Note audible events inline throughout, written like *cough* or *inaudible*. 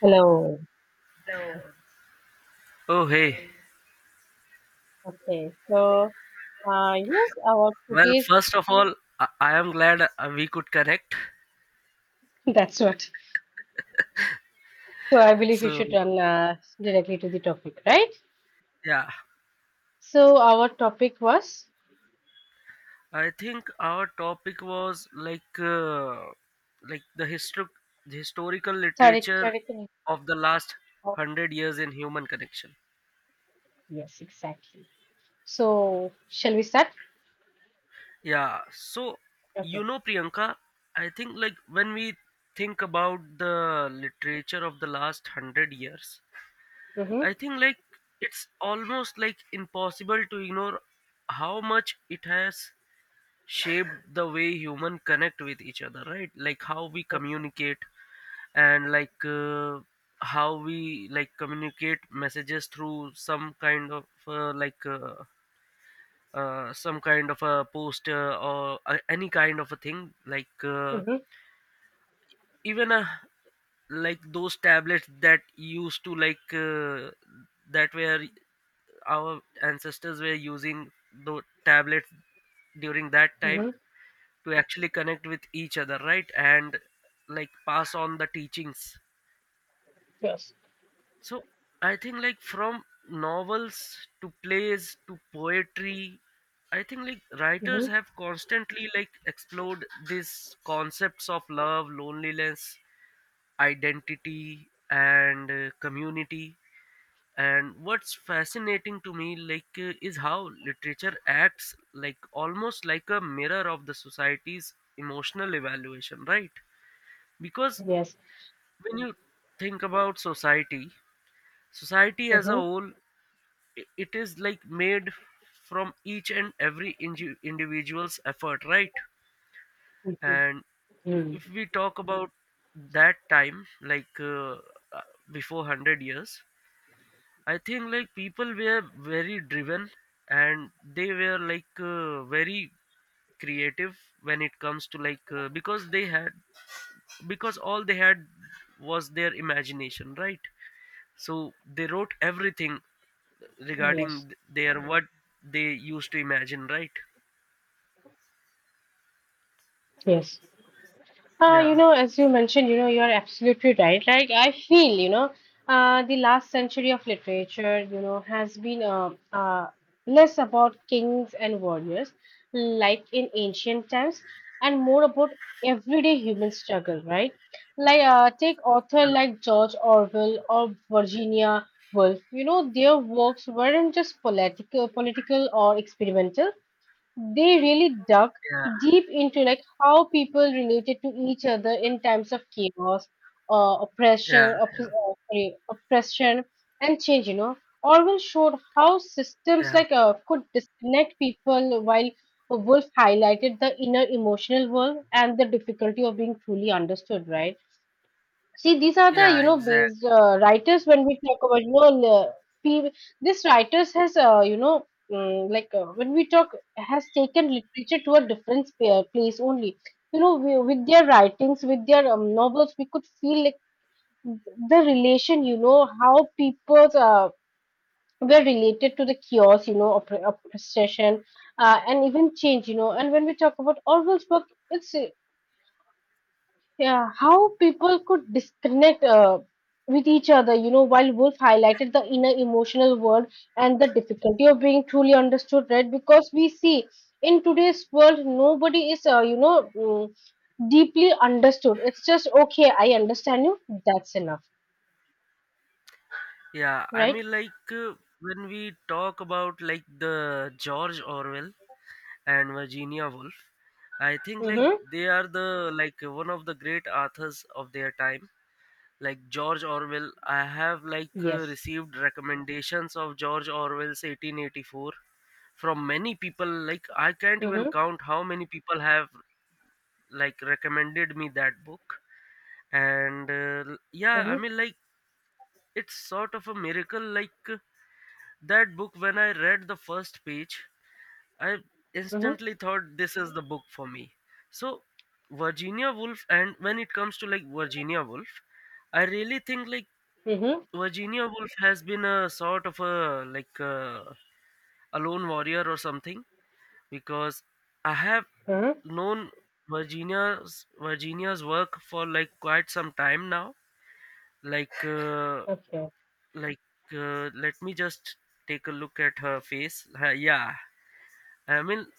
Hello. Oh, hey. Okay. So, yes, our Well, today's first of all, I am glad we could connect. *laughs* that's what. So I believe you So, should run directly to the topic, right? yeah, So our topic was I think our topic was like the history, the historical character. literature of the last Oh, 100 years in human connection. yes, exactly. So shall we start? Yeah. So, you Okay. know, Priyanka, I think when we think about the literature of the last hundred years, Mm-hmm. I think it's almost like impossible to ignore how much it has shape the way human connect with each other, right? Like how we communicate, and how we like communicate messages through some kind of some kind of a poster, or any kind of a thing Mm-hmm. even like those tablets that used to like that were our ancestors were using the tablets during that time Mm-hmm. to actually connect with each other, right? And like pass on the teachings. Yes. So I think like from novels to plays to poetry, I think like writers Mm-hmm. have constantly like explored these concepts of love, loneliness, identity, and community. And what's fascinating to me is how literature acts like almost like a mirror of the society's emotional evaluation, right? Because Yes. when you think about society, society as a Mm-hmm. whole, it is like made from each and every individual's effort, right? Mm-hmm. And Mm. if we talk about that time uh, before 100 years, I think like people were very driven, and they were very creative when it comes to, because all they had was their imagination, right? So they wrote everything Yes. regarding their what they used to imagine, right? Yes. You Yeah. know, as you mentioned, you know, you're absolutely right. Like, I feel, you know, the last century of literature, you know, has been less about kings and warriors, like in ancient times, and more about everyday human struggle, right? Like, take author Uh, like George Orwell or Virginia Woolf. You know, their works weren't just political or experimental. They really dug yeah deep into like how people related to each other in times of chaos, yeah oppression, sorry, oppression and change. You know, Orwell showed how systems yeah like could disconnect people, while Wolf highlighted the inner emotional world and the difficulty of being truly understood. Right. See, these are the yeah you know exact based writers when we talk about you know pe- this writers has you know like when we talk has taken literature to a different place only. You know with their writings, with their novels, we could feel like the relation. You know how people were related to the chaos. You know oppression and even change. You know, and when we talk about Orwell's work, it's yeah, how people could disconnect with each other, you know, while Wolf highlighted the inner emotional world and the difficulty of being truly understood, right? Because we see in today's world, nobody is, you know, deeply understood. It's just, okay, I understand you, that's enough, yeah I right? mean when we talk about like the George Orwell and Virginia Woolf, I think like Mm-hmm. they are the like one of the great authors of their time. Like George Orwell, I have Yes. received recommendations of George Orwell's 1884 from many people. Like I can't even Mm-hmm. count how many people have like recommended me that book. And yeah, I Mm-hmm. mean like it's sort of a miracle that book. When I read the first page, I Mm-hmm. instantly thought this is the book for me. So Virginia Woolf, and when it comes to like Virginia Woolf, I really think like Mm-hmm. Virginia Woolf has been a sort of a like a, a lone warrior or something, because I have Mm-hmm. known Virginia's work for like quite some time now. Like uh, Okay. like Let me just take a look at her face. Yeah, I mean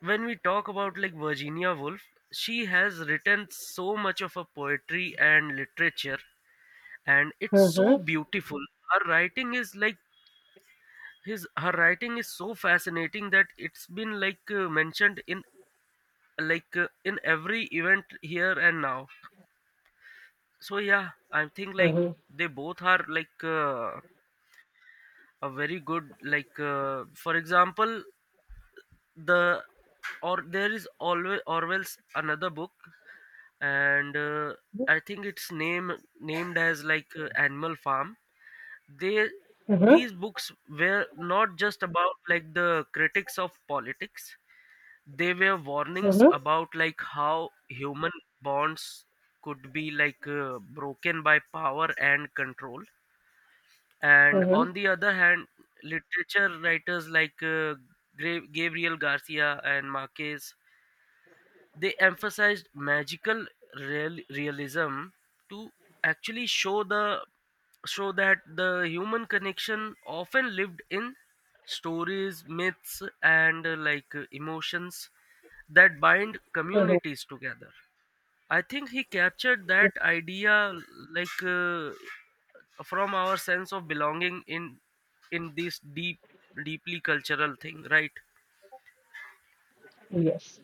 when we talk about like Virginia Woolf, she has written so much of her poetry and literature, and it's so Mm-hmm. beautiful. Her writing is like his her writing is so fascinating that it's been mentioned in in every event here and now. So yeah, I think like Mm-hmm. they both are a very good, for example, the or there is always Orwell's another book, and I think it's name named as Animal Farm. They Mm-hmm. These books were not just about like the critics of politics. They were warnings Mm-hmm. about like how human bonds could be broken by power and control. And Mm-hmm. on the other hand, literature writers like Gabriel Garcia and Marquez, they emphasized magical realism to actually show the show that the human connection often lived in stories, myths, and emotions that bind Mm-hmm. communities together. I think he captured that idea like uh, from our sense of belonging in this deeply cultural thing, right? Yes.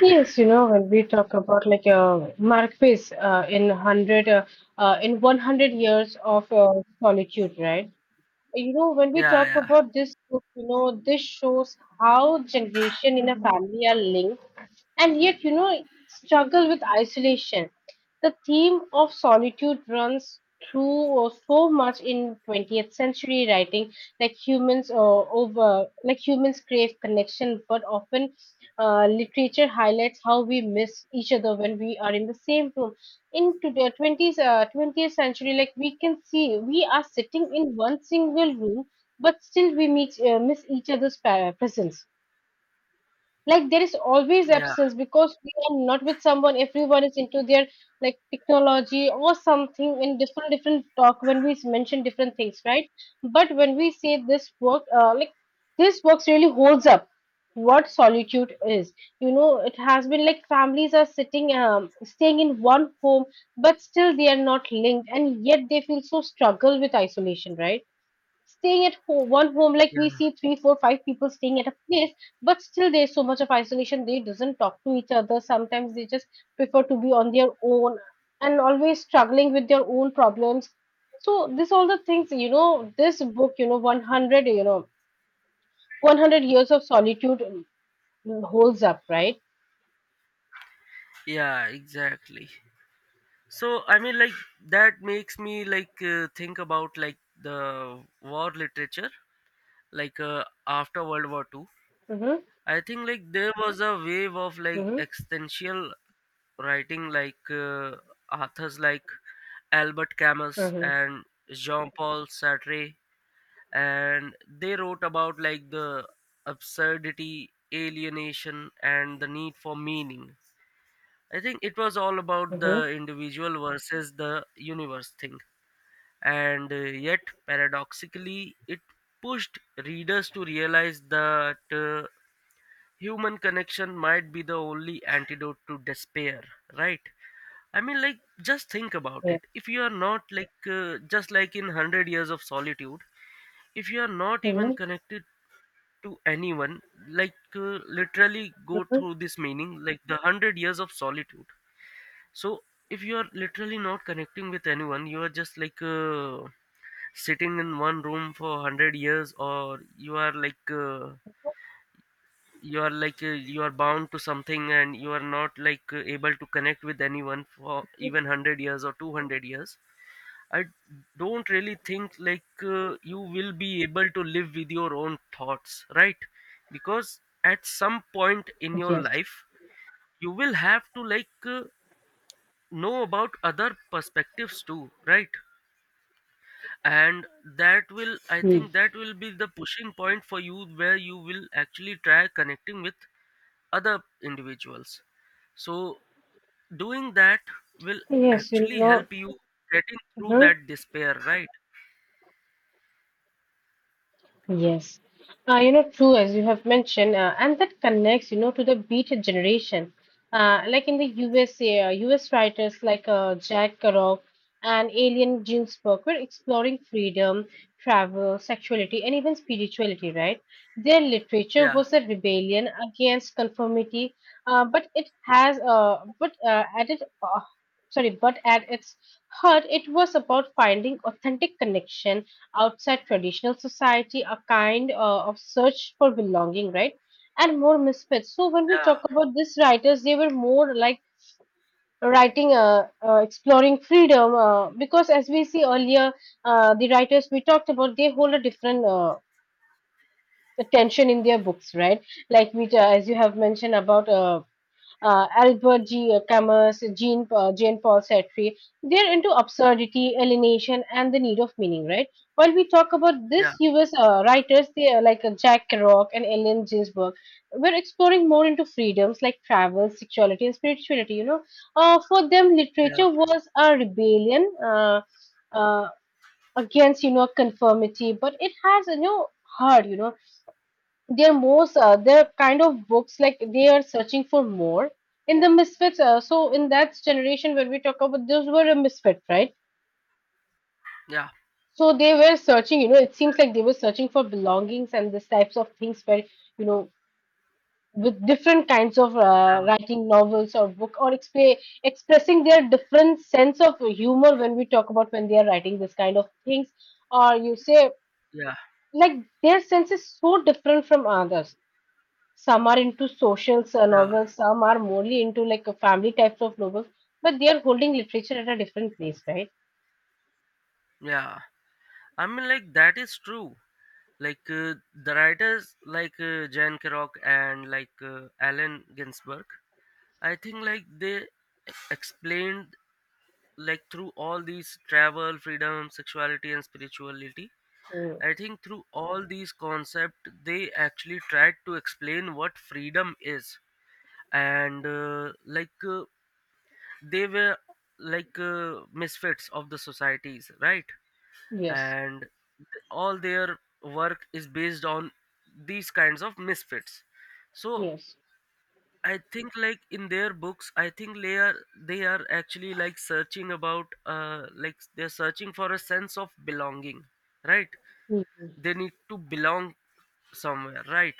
Yes, you know, when we talk about like a masterpiece in 100 years of solitude, right? You know, when we yeah talk yeah about this book, you know, this shows how generation in a family are linked and yet, you know, struggle with isolation. The theme of solitude runs through so much in 20th century writing, like like humans crave connection, but often literature highlights how we miss each other when we are in the same room. In today, 20th century, like we can see, we are sitting in one single room, but still we meet, miss each other's presence, like there is always yeah absence because we are not with someone, everyone is into their like technology or something in different different talk when we mention different things, right? But when we say this work like this works really holds up what solitude is, you know it has been like families are sitting staying in one home, but still they are not linked and yet they feel so struggle with isolation, right? Staying at home one home, like we yeah see three four five people staying at a place, but still there's so much of isolation, they doesn't talk to each other, sometimes they just prefer to be on their own and always struggling with their own problems. So this all the things, you know, this book, you know, 100, you know, 100 years of solitude, holds up, right? yeah exactly. So I mean like that makes me think about like the war literature, after World War II. Mm-hmm. I think like there was a wave of like Mm-hmm. existential writing, authors like Albert Camus Mm-hmm. and Jean-Paul Sartre, and they wrote about like the absurdity, alienation, and the need for meaning. I think it was all about the Mm-hmm. individual versus the universe thing, and yet paradoxically it pushed readers to realize that human connection might be the only antidote to despair, right? I mean like just think about Yeah. it. If you are not just like in 100 years of solitude, if you are not even Mm-hmm. connected to anyone, literally go Mm-hmm. through this meaning like the 100 years of solitude. So if you are literally not connecting with anyone, you are just sitting in one room for 100 years, or you are you are bound to something, and you are not able to connect with anyone for even 100 years or 200 years. I don't really think you will be able to live with your own thoughts, right? Because at some point in your Yes. life, you will have to know about other perspectives too, right? And that will, I Mm. think that will be the pushing point for you, where you will actually try connecting with other individuals. So doing that will Yes, you actually know. help you getting through Mm-hmm. that despair, right? Yes, you know, true as you have mentioned, and that connects, you know, to the beat generation. Like in the USA, US writers like Jack Kerouac and Alien Ginsberg were exploring freedom, travel, sexuality, and even spirituality, right? Their literature yeah was a rebellion against conformity, but it has, but at it, sorry, but at its heart, it was about finding authentic connection outside traditional society, a kind of search for belonging, right? And more misfits. So when we talk yeah about these writers, they were more like writing, exploring freedom, because as we see earlier, the writers we talked about, they hold a different attention in their books, right? Like we, as you have mentioned about. Albert G. Camus, Jean Paul Sartre, they're into absurdity, alienation, and the need of meaning, right? While we talk about yeah this US writers, they are like Jack Kerouac and Ellen Ginsberg, we're exploring more into freedoms like travel, sexuality, and spirituality, you know. For them, yeah literature was a rebellion uh, against, you know, conformity, but it has, you know, heart, you know they're kind of books like they are searching for more in the misfits, so in that generation when we talk about those were a misfit, right? yeah So they were searching, you know, it seems exactly like they were searching for belongings and this types of things where, you know, with different kinds of yeah writing novels or book or expressing their different sense of humor when we talk about when they are writing this kind of things or you say yeah like their sense is so different from others. Some are into social yeah novels, some are morely into like a family types of novels, but they are holding literature at a different place, right? yeah I mean like that is true. like uh, the writers Jan Kerouac and Allen Ginsberg, I think like they explained like through all these travel, freedom, sexuality, and spirituality. Mm. I think through all these concepts, they actually tried to explain what freedom is. And they were misfits of the societies, right? Yes, And all their work is based on these kinds of misfits. So yes. I think like in their books, I think they are actually like searching about like they're searching for a sense of belonging, right? Mm-hmm. They need to belong somewhere, right?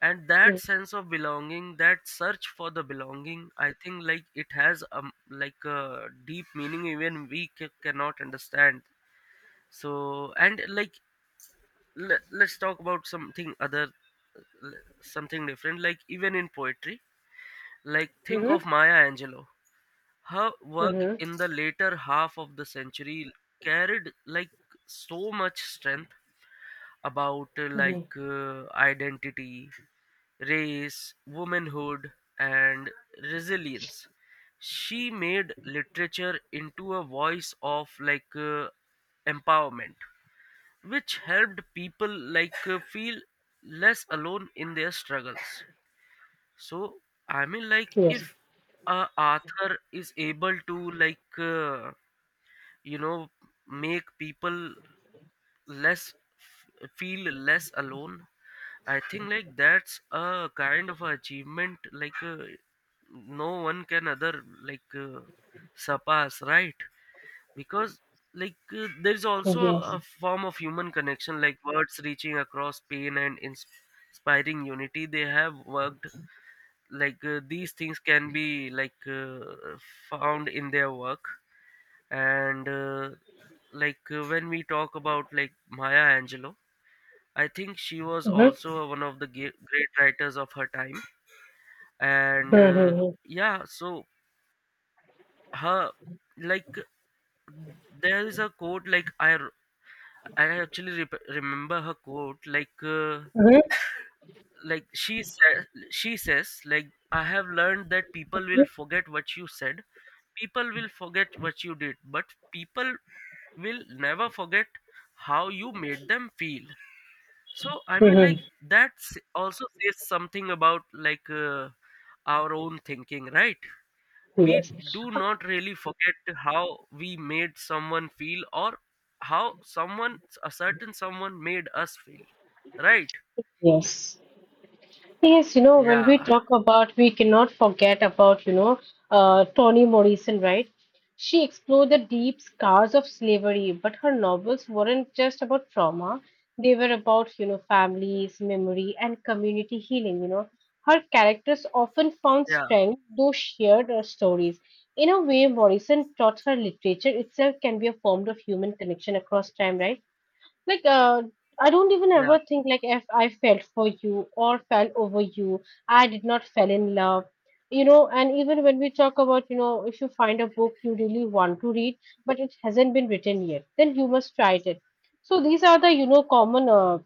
And that sense of belonging, that search for the belonging, I think like it has like a deep meaning even we cannot understand. So and like let's talk about something other, l- something different, like even in poetry, like, think Mm-hmm. of Maya Angelou. Her work Mm-hmm. in the later half of the century carried like so much strength about Yes, identity, race, womanhood, and resilience. She made literature into a voice of empowerment, which helped people feel less alone in their struggles. So I mean, like, yes. if a author is able to, you know, make people less feel less alone, I think like that's a kind of achievement no one can other surpass, right? Because there's also Mm-hmm. a form of human connection, like words reaching across pain and inspiring unity. They have worked these things can be found in their work. And when we talk about like Maya Angelou, I think she was also one of the great writers of her time. And Mm-hmm. yeah, so her like there is a quote like I actually remember her quote like uh, Mm-hmm. like she said, she says like I have learned that people will forget what you said, people will forget what you did, but people will never forget how you made them feel. So I mean like Mm-hmm. that also says something about our own thinking, right? We Yes, do not really forget how we made someone feel, or how someone, a certain someone made us feel, right? yes. Thing is, you know, when we yeah talk about, we cannot forget about, you know, Toni Morrison, right? She explored the deep scars of slavery, but her novels weren't just about trauma. They were about, you know, families, memory, and community healing, you know. Her characters often found yeah strength, though shared her stories. In a way, Morrison taught her literature itself can be a form of human connection across time, right? Like I don't even yeah ever think like if I fell for you or fell over you, I did not fell in love. You know, and even when we talk about, you know, if you find a book you really want to read, but it hasn't been written yet, then you must try it. So these are the, you know, common uh,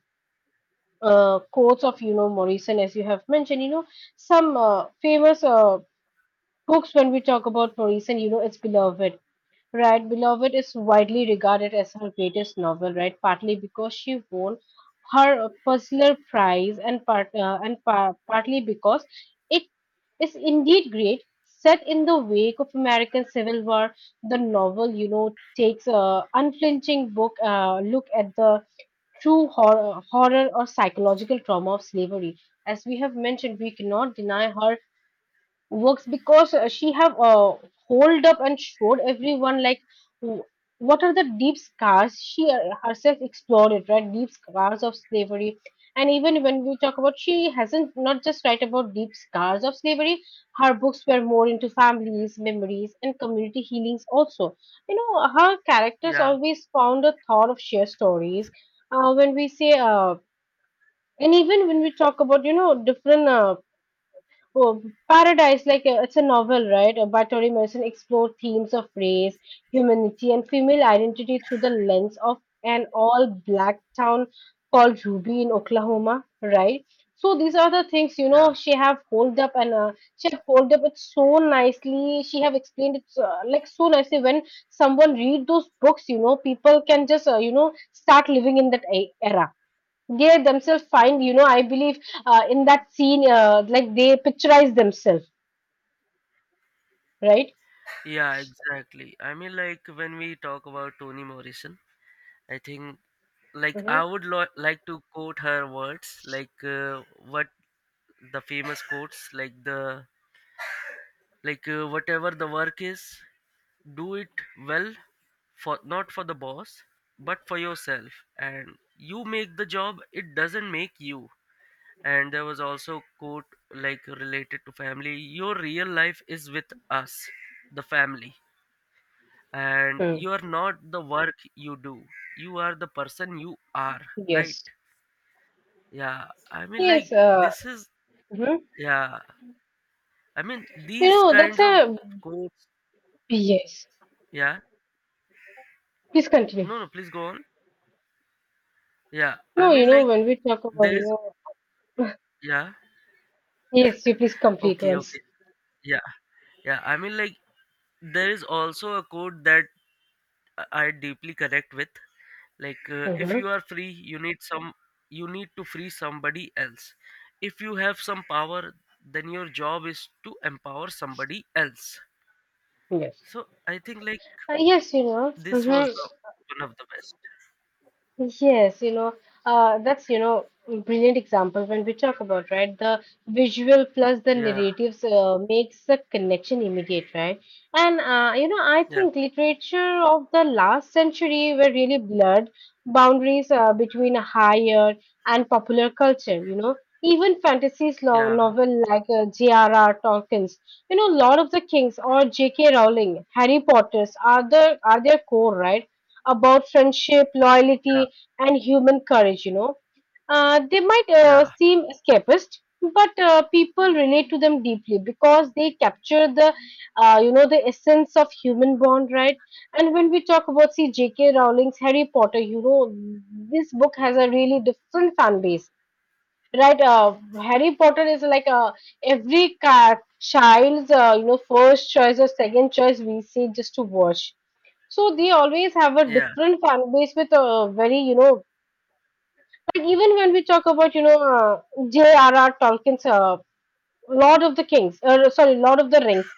uh, quotes of, you know, Morrison, as you have mentioned, you know, some famous books when we talk about Morrison, you know, it's beloved. Right, Beloved is widely regarded as her greatest novel, right? Partly because she won her Pulitzer Prize, and partly because it is indeed great. Set in the wake of American Civil War, the novel, you know, takes a unflinching book look at the true horror or psychological trauma of slavery. As we have mentioned, we cannot deny her works because she have hold up and showed everyone like w- what are the deep scars she herself explored it, right? Deep scars of slavery. And even when we talk about, she hasn't not just write about deep scars of slavery, her books were more into families, memories, and community healings also. You know her characters yeah always found a thought of shared stories. When we say, and even when we talk about, you know, different, Oh, Paradise, like it's a novel, right? By Toni Morrison, explore themes of race, humanity, and female identity through the lens of an all-black town called Ruby in Oklahoma, right? So these are the things, you know, Yeah, she have hold up and she have hold up it so nicely. She have explained it like so nicely. When someone read those books, you know, people can just you know start living in that era, they themselves find, you know, I believe in that scene, like they picturize themselves, right? yeah, exactly. I mean, like when we talk about Toni Morrison, I think like I Mm-hmm. would like to quote her words, like what the famous quotes, like whatever the work is, do it well, for not for the boss, but for yourself, and you make the job. It doesn't make you. And there was also quote like related to family. Your real life is with us, the family, and Mm. you are not the work you do, you are the person you are, Yes, right? Yeah, I mean like yes, this is mhm. yeah, I mean You these know that's kinds of a quotes. yes. Yeah. Please continue. no no Please go on. Yeah, I No, you mean know, like when we talk about, you there's know, yeah, yes, you please complete okay, once. okay, yeah, yeah, I mean like there is also a quote that I deeply connect with, if Mm-hmm. you are free, you need some you need to free somebody else. If you have some power, then your job is to empower somebody else. Yes, So I think like yes, you know. this was Mm-hmm. the one of the best. Yes, you know, that's, you know, brilliant example when we talk about, right? The visual plus the yeah narratives makes the connection immediate, right? And, you know, I yeah think literature of the last century were really blurred boundaries between higher and popular culture, you know. Even fantasies lo yeah novel like J.R.R. Tolkien's, you know, Lord of the Kings or J.K. Rowling, Harry Potter's are their core, right? About friendship, yeah loyalty, and human courage, you know. They might yeah seem escapist, but people relate to them deeply because they capture the, you know, the essence of human bond, right? And when we talk about, see, J.K. Rowling's Harry Potter, you know, this book has a really different fan base, right? Harry Potter is like a every child's, first choice or second choice we see just to watch, so they always have a yeah different fan base with a very, like, even when we talk about, J.R.R. Tolkien's Lord of the Kings, sorry, Lord of the Rings.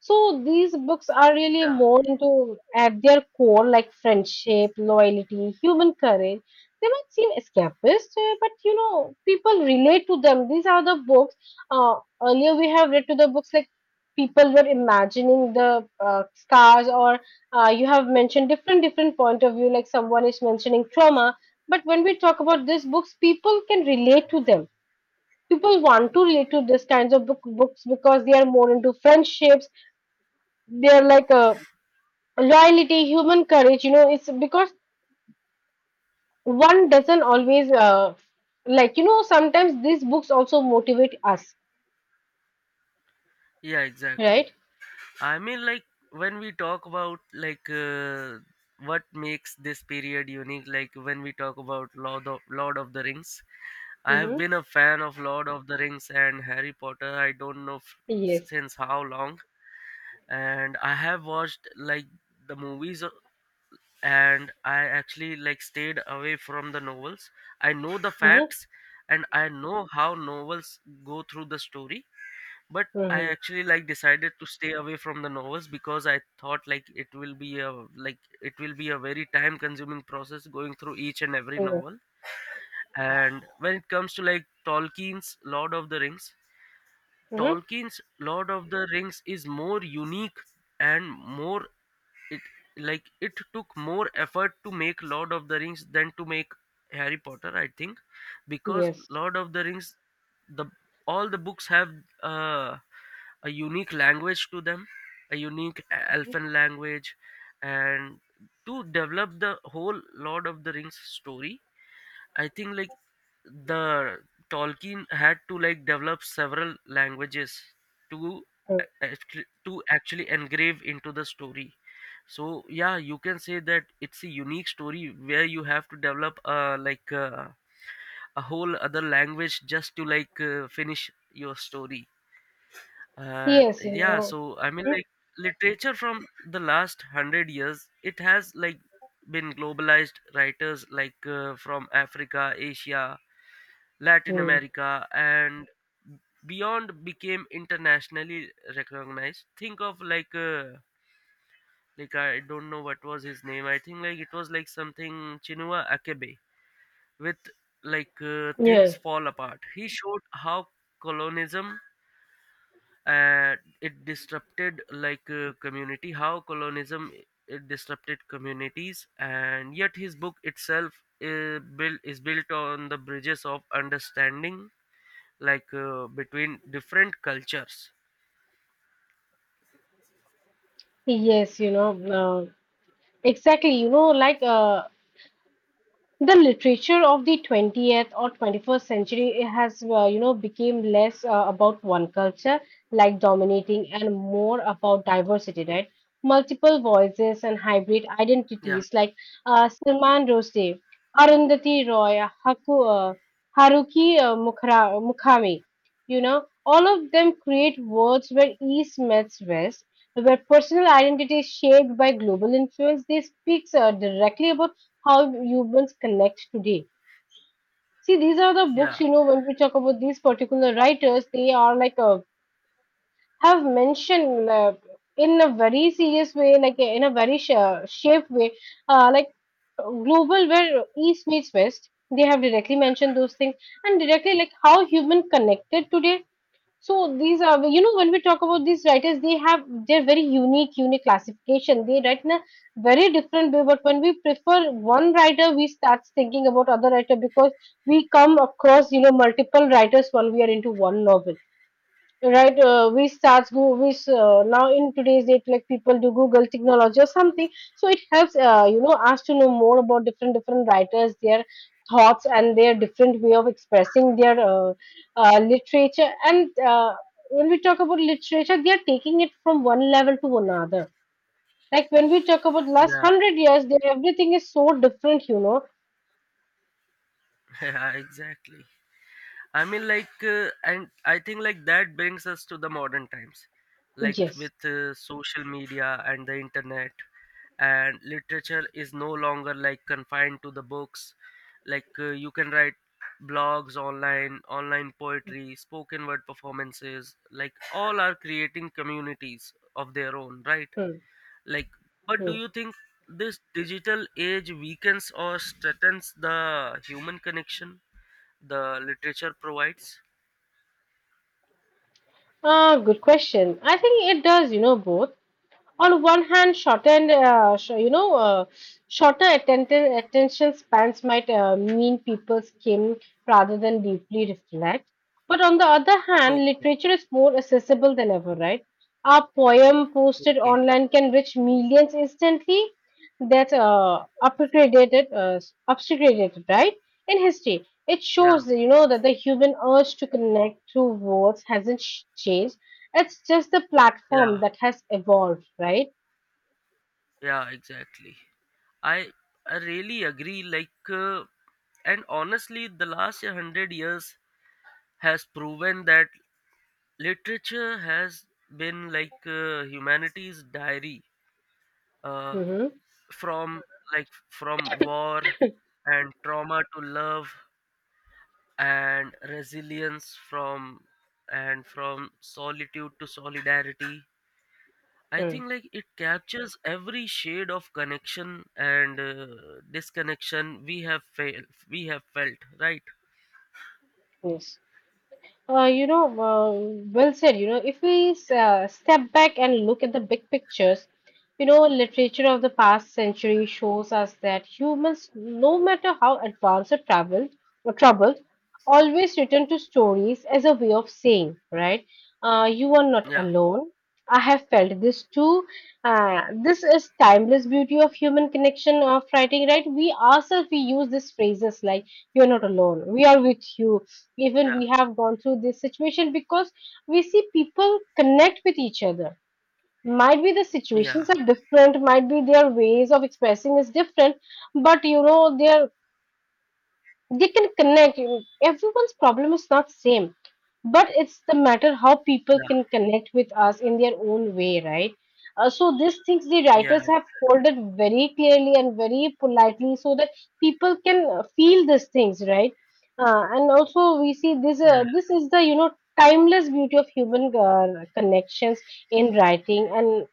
So these books are really yeah more into, at their core, like friendship, loyalty, human courage. They might seem escapist, but people relate to them. These are the books. Uh, Earlier we have read to the books, like people were imagining the scars, or you have mentioned different point of view. Like, someone is mentioning trauma, but when we talk about these books, people can relate to them. People want to relate to this kinds of books because they are more into friendships. They're like loyalty, human courage, you know. It's because one doesn't always like, sometimes these books also motivate us, yeah exactly. right? I mean like when we talk about what makes this period unique, like when we talk about Lord of the Rings, I have Mm-hmm. been a fan of Lord of the Rings and Harry Potter. I don't know Yes. since how long, and I have watched the movies, and I actually stayed away from the novels. I know the Mm-hmm. facts, and I know how novels go through the story, but I Mm-hmm. actually decided to stay away from the novels because I thought it will be a it will be a very time consuming process going through each and every Yes. novel. And when it comes to Tolkien's Lord of the Rings, Mm-hmm. Tolkien's Lord of the Rings is more unique and more, it took more effort to make Lord of the Rings than to make Harry Potter, I think, because Yes. Lord of the Rings, the all the books have uh, a unique language to them, a unique elfin language, and to develop the whole Lord of the Rings story, I think like the Tolkien had to develop several languages to Mm. To actually engrave into the story. So yeah, you can say that it's a unique story where you have to develop a whole other language just to finish your story. Yes, you Yeah, know. so I mean literature from the last 100 years, it has been globalized. Writers from Africa, Asia, Latin Mm-hmm. America, and beyond became internationally recognized. Think of I don't know what was his name. I think it was like something Chinua Achebe with things Yes. fall apart. He showed how colonialism uh, it disrupted community, how colonialism it disrupted communities, and yet his book itself is built on the bridges of understanding between different cultures. Yes, you know. uh, exactly, you know, like the literature of the 20th or 21st century, it has, you know, became less, about one culture like dominating, and more about diversity, right? Multiple voices and hybrid Yeah, identities, like Salman Rushdie, Arundhati Roy, Haruki Mukhami, you know, all of them create worlds where east meets west, where personal identity is shaped by global influence. They speaks directly about how humans connect today. See, these are the books, yeah, you know. When we talk about these particular writers, they are like have mentioned in a very serious way, like in a very shaped way, like global, where East meets West. They have directly mentioned those things, and directly like how human connected today. So these are, you know, when we talk about these writers, they're very unique, unique classification. They write in a very different way. But when we prefer one writer, we start thinking about other writer, because we come across, you know, multiple writers while we are into one novel, right? We start go we s- Now in today's date, like people do google technology or something, so it helps, us to know more about different writers, their thoughts and their different way of expressing their literature. And when we talk about literature, they are taking it from one level to another. Like, when we talk about last yeah. 100 years, everything is so different, you know. *laughs* Yeah, exactly. I mean and I think that brings us to the modern times, like Yes. with social media and the internet, and literature is no longer confined to the books. You can write blogs online, online poetry, spoken word performances, like all are creating communities of their own, right? Hmm. Like, but do Hmm. you think this digital age weakens or strengthens the human connection the literature provides? Ah, good question. I think it does, you know, both. On one hand, shortened, sh- you know, shorter attention spans might mean people skim rather than deeply reflect. But on the other hand, Okay, literature is more accessible than ever, right? A poem posted okay. online can reach millions instantly. That's upgraded, right? In history, it Yeah, shows, you know, that the human urge to connect through words hasn't changed. It's just the platform yeah, that has evolved, right? yeah, exactly. I I really agree. And honestly, the last 100 years has proven that literature has been humanity's diary, uh, Mm-hmm. from from war and trauma to love and resilience, from and from solitude to solidarity. I Mm. think it captures every shade of connection and disconnection we have failed we have felt, right? Yes. Uh, you know, uh, well said. You know, if we step back and look at the big pictures, you know, literature of the past century shows us that humans, no matter how advanced or traveled or troubled, always return to stories as a way of saying, right? You are not Yeah, alone. I have felt this too. This is timeless beauty of human connection of writing, right? We ourselves we use these phrases like "you're not alone," "we are with you." Even yeah, we have gone through this situation, because we see people connect with each other. Might be the yeah, situations are different, might be their ways of expressing is different, but you know their they can connect. You know, everyone's problem is not same, but it's the matter how people can connect with us in their own way, right? So these things the yeah, writers yeah, have folded very clearly and very politely, so that people can feel these things, right? And also we see this. Yeah, This is the, you know, timeless beauty of human connections in writing. And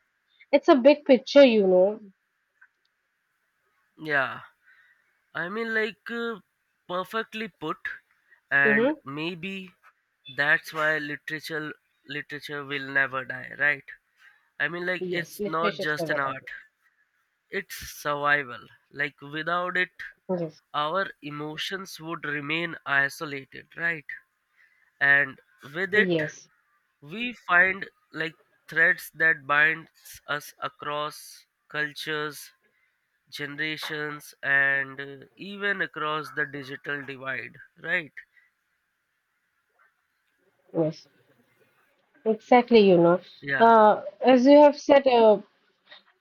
it's a big picture, you know. yeah. I mean perfectly put. And Hmm. maybe that's why literature will never die, right? I mean Yes, it's not literature is just never an that. art. It's survival. Like without it, Yes. our emotions would remain isolated, right? And with it, Yes. we find like threads that binds us across cultures, generations, and even across the digital divide, right? Yes. Exactly, you know. Yeah, As you have said, uh,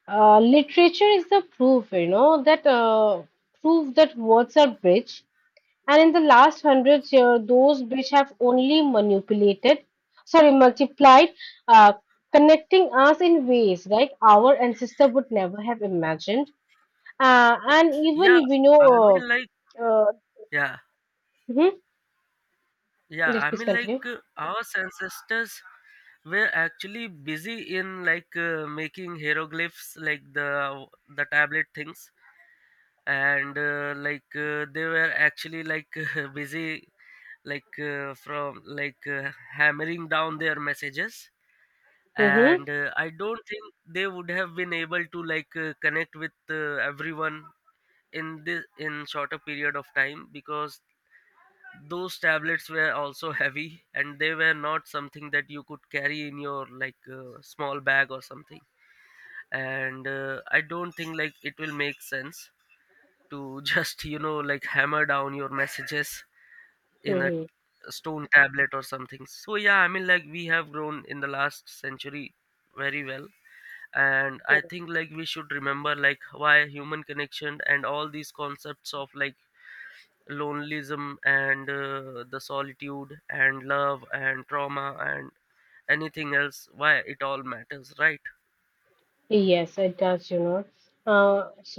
uh, literature is the proof, you know, that proof that words are rich. And in the last 100 years, those which have only manipulated, sorry, multiplied, uh, connecting us in ways like our ancestor would never have imagined. And yeah. even we I know, mean, like, uh, uh, yeah. mhm. Yeah, Yes, I please mean, continue. Our ancestors were actually busy in making hieroglyphs, like the tablet things, and they were actually like *laughs* busy, from hammering down their messages. Mm-hmm, And I don't think they would have been able to connect with everyone in this in shorter period of time because those tablets were also heavy, and they were not something that you could carry in your small bag or something. And I don't think it will make sense to *laughs* just you know like hammer down your messages in a mm-hmm. stone tablet or something. So yeah, I mean we have grown in the last century very well, and I think we should remember why human connection and all these concepts of like lonelism and the solitude and love and trauma and anything else, why it all matters, right? Yes, it does, you know. Uh,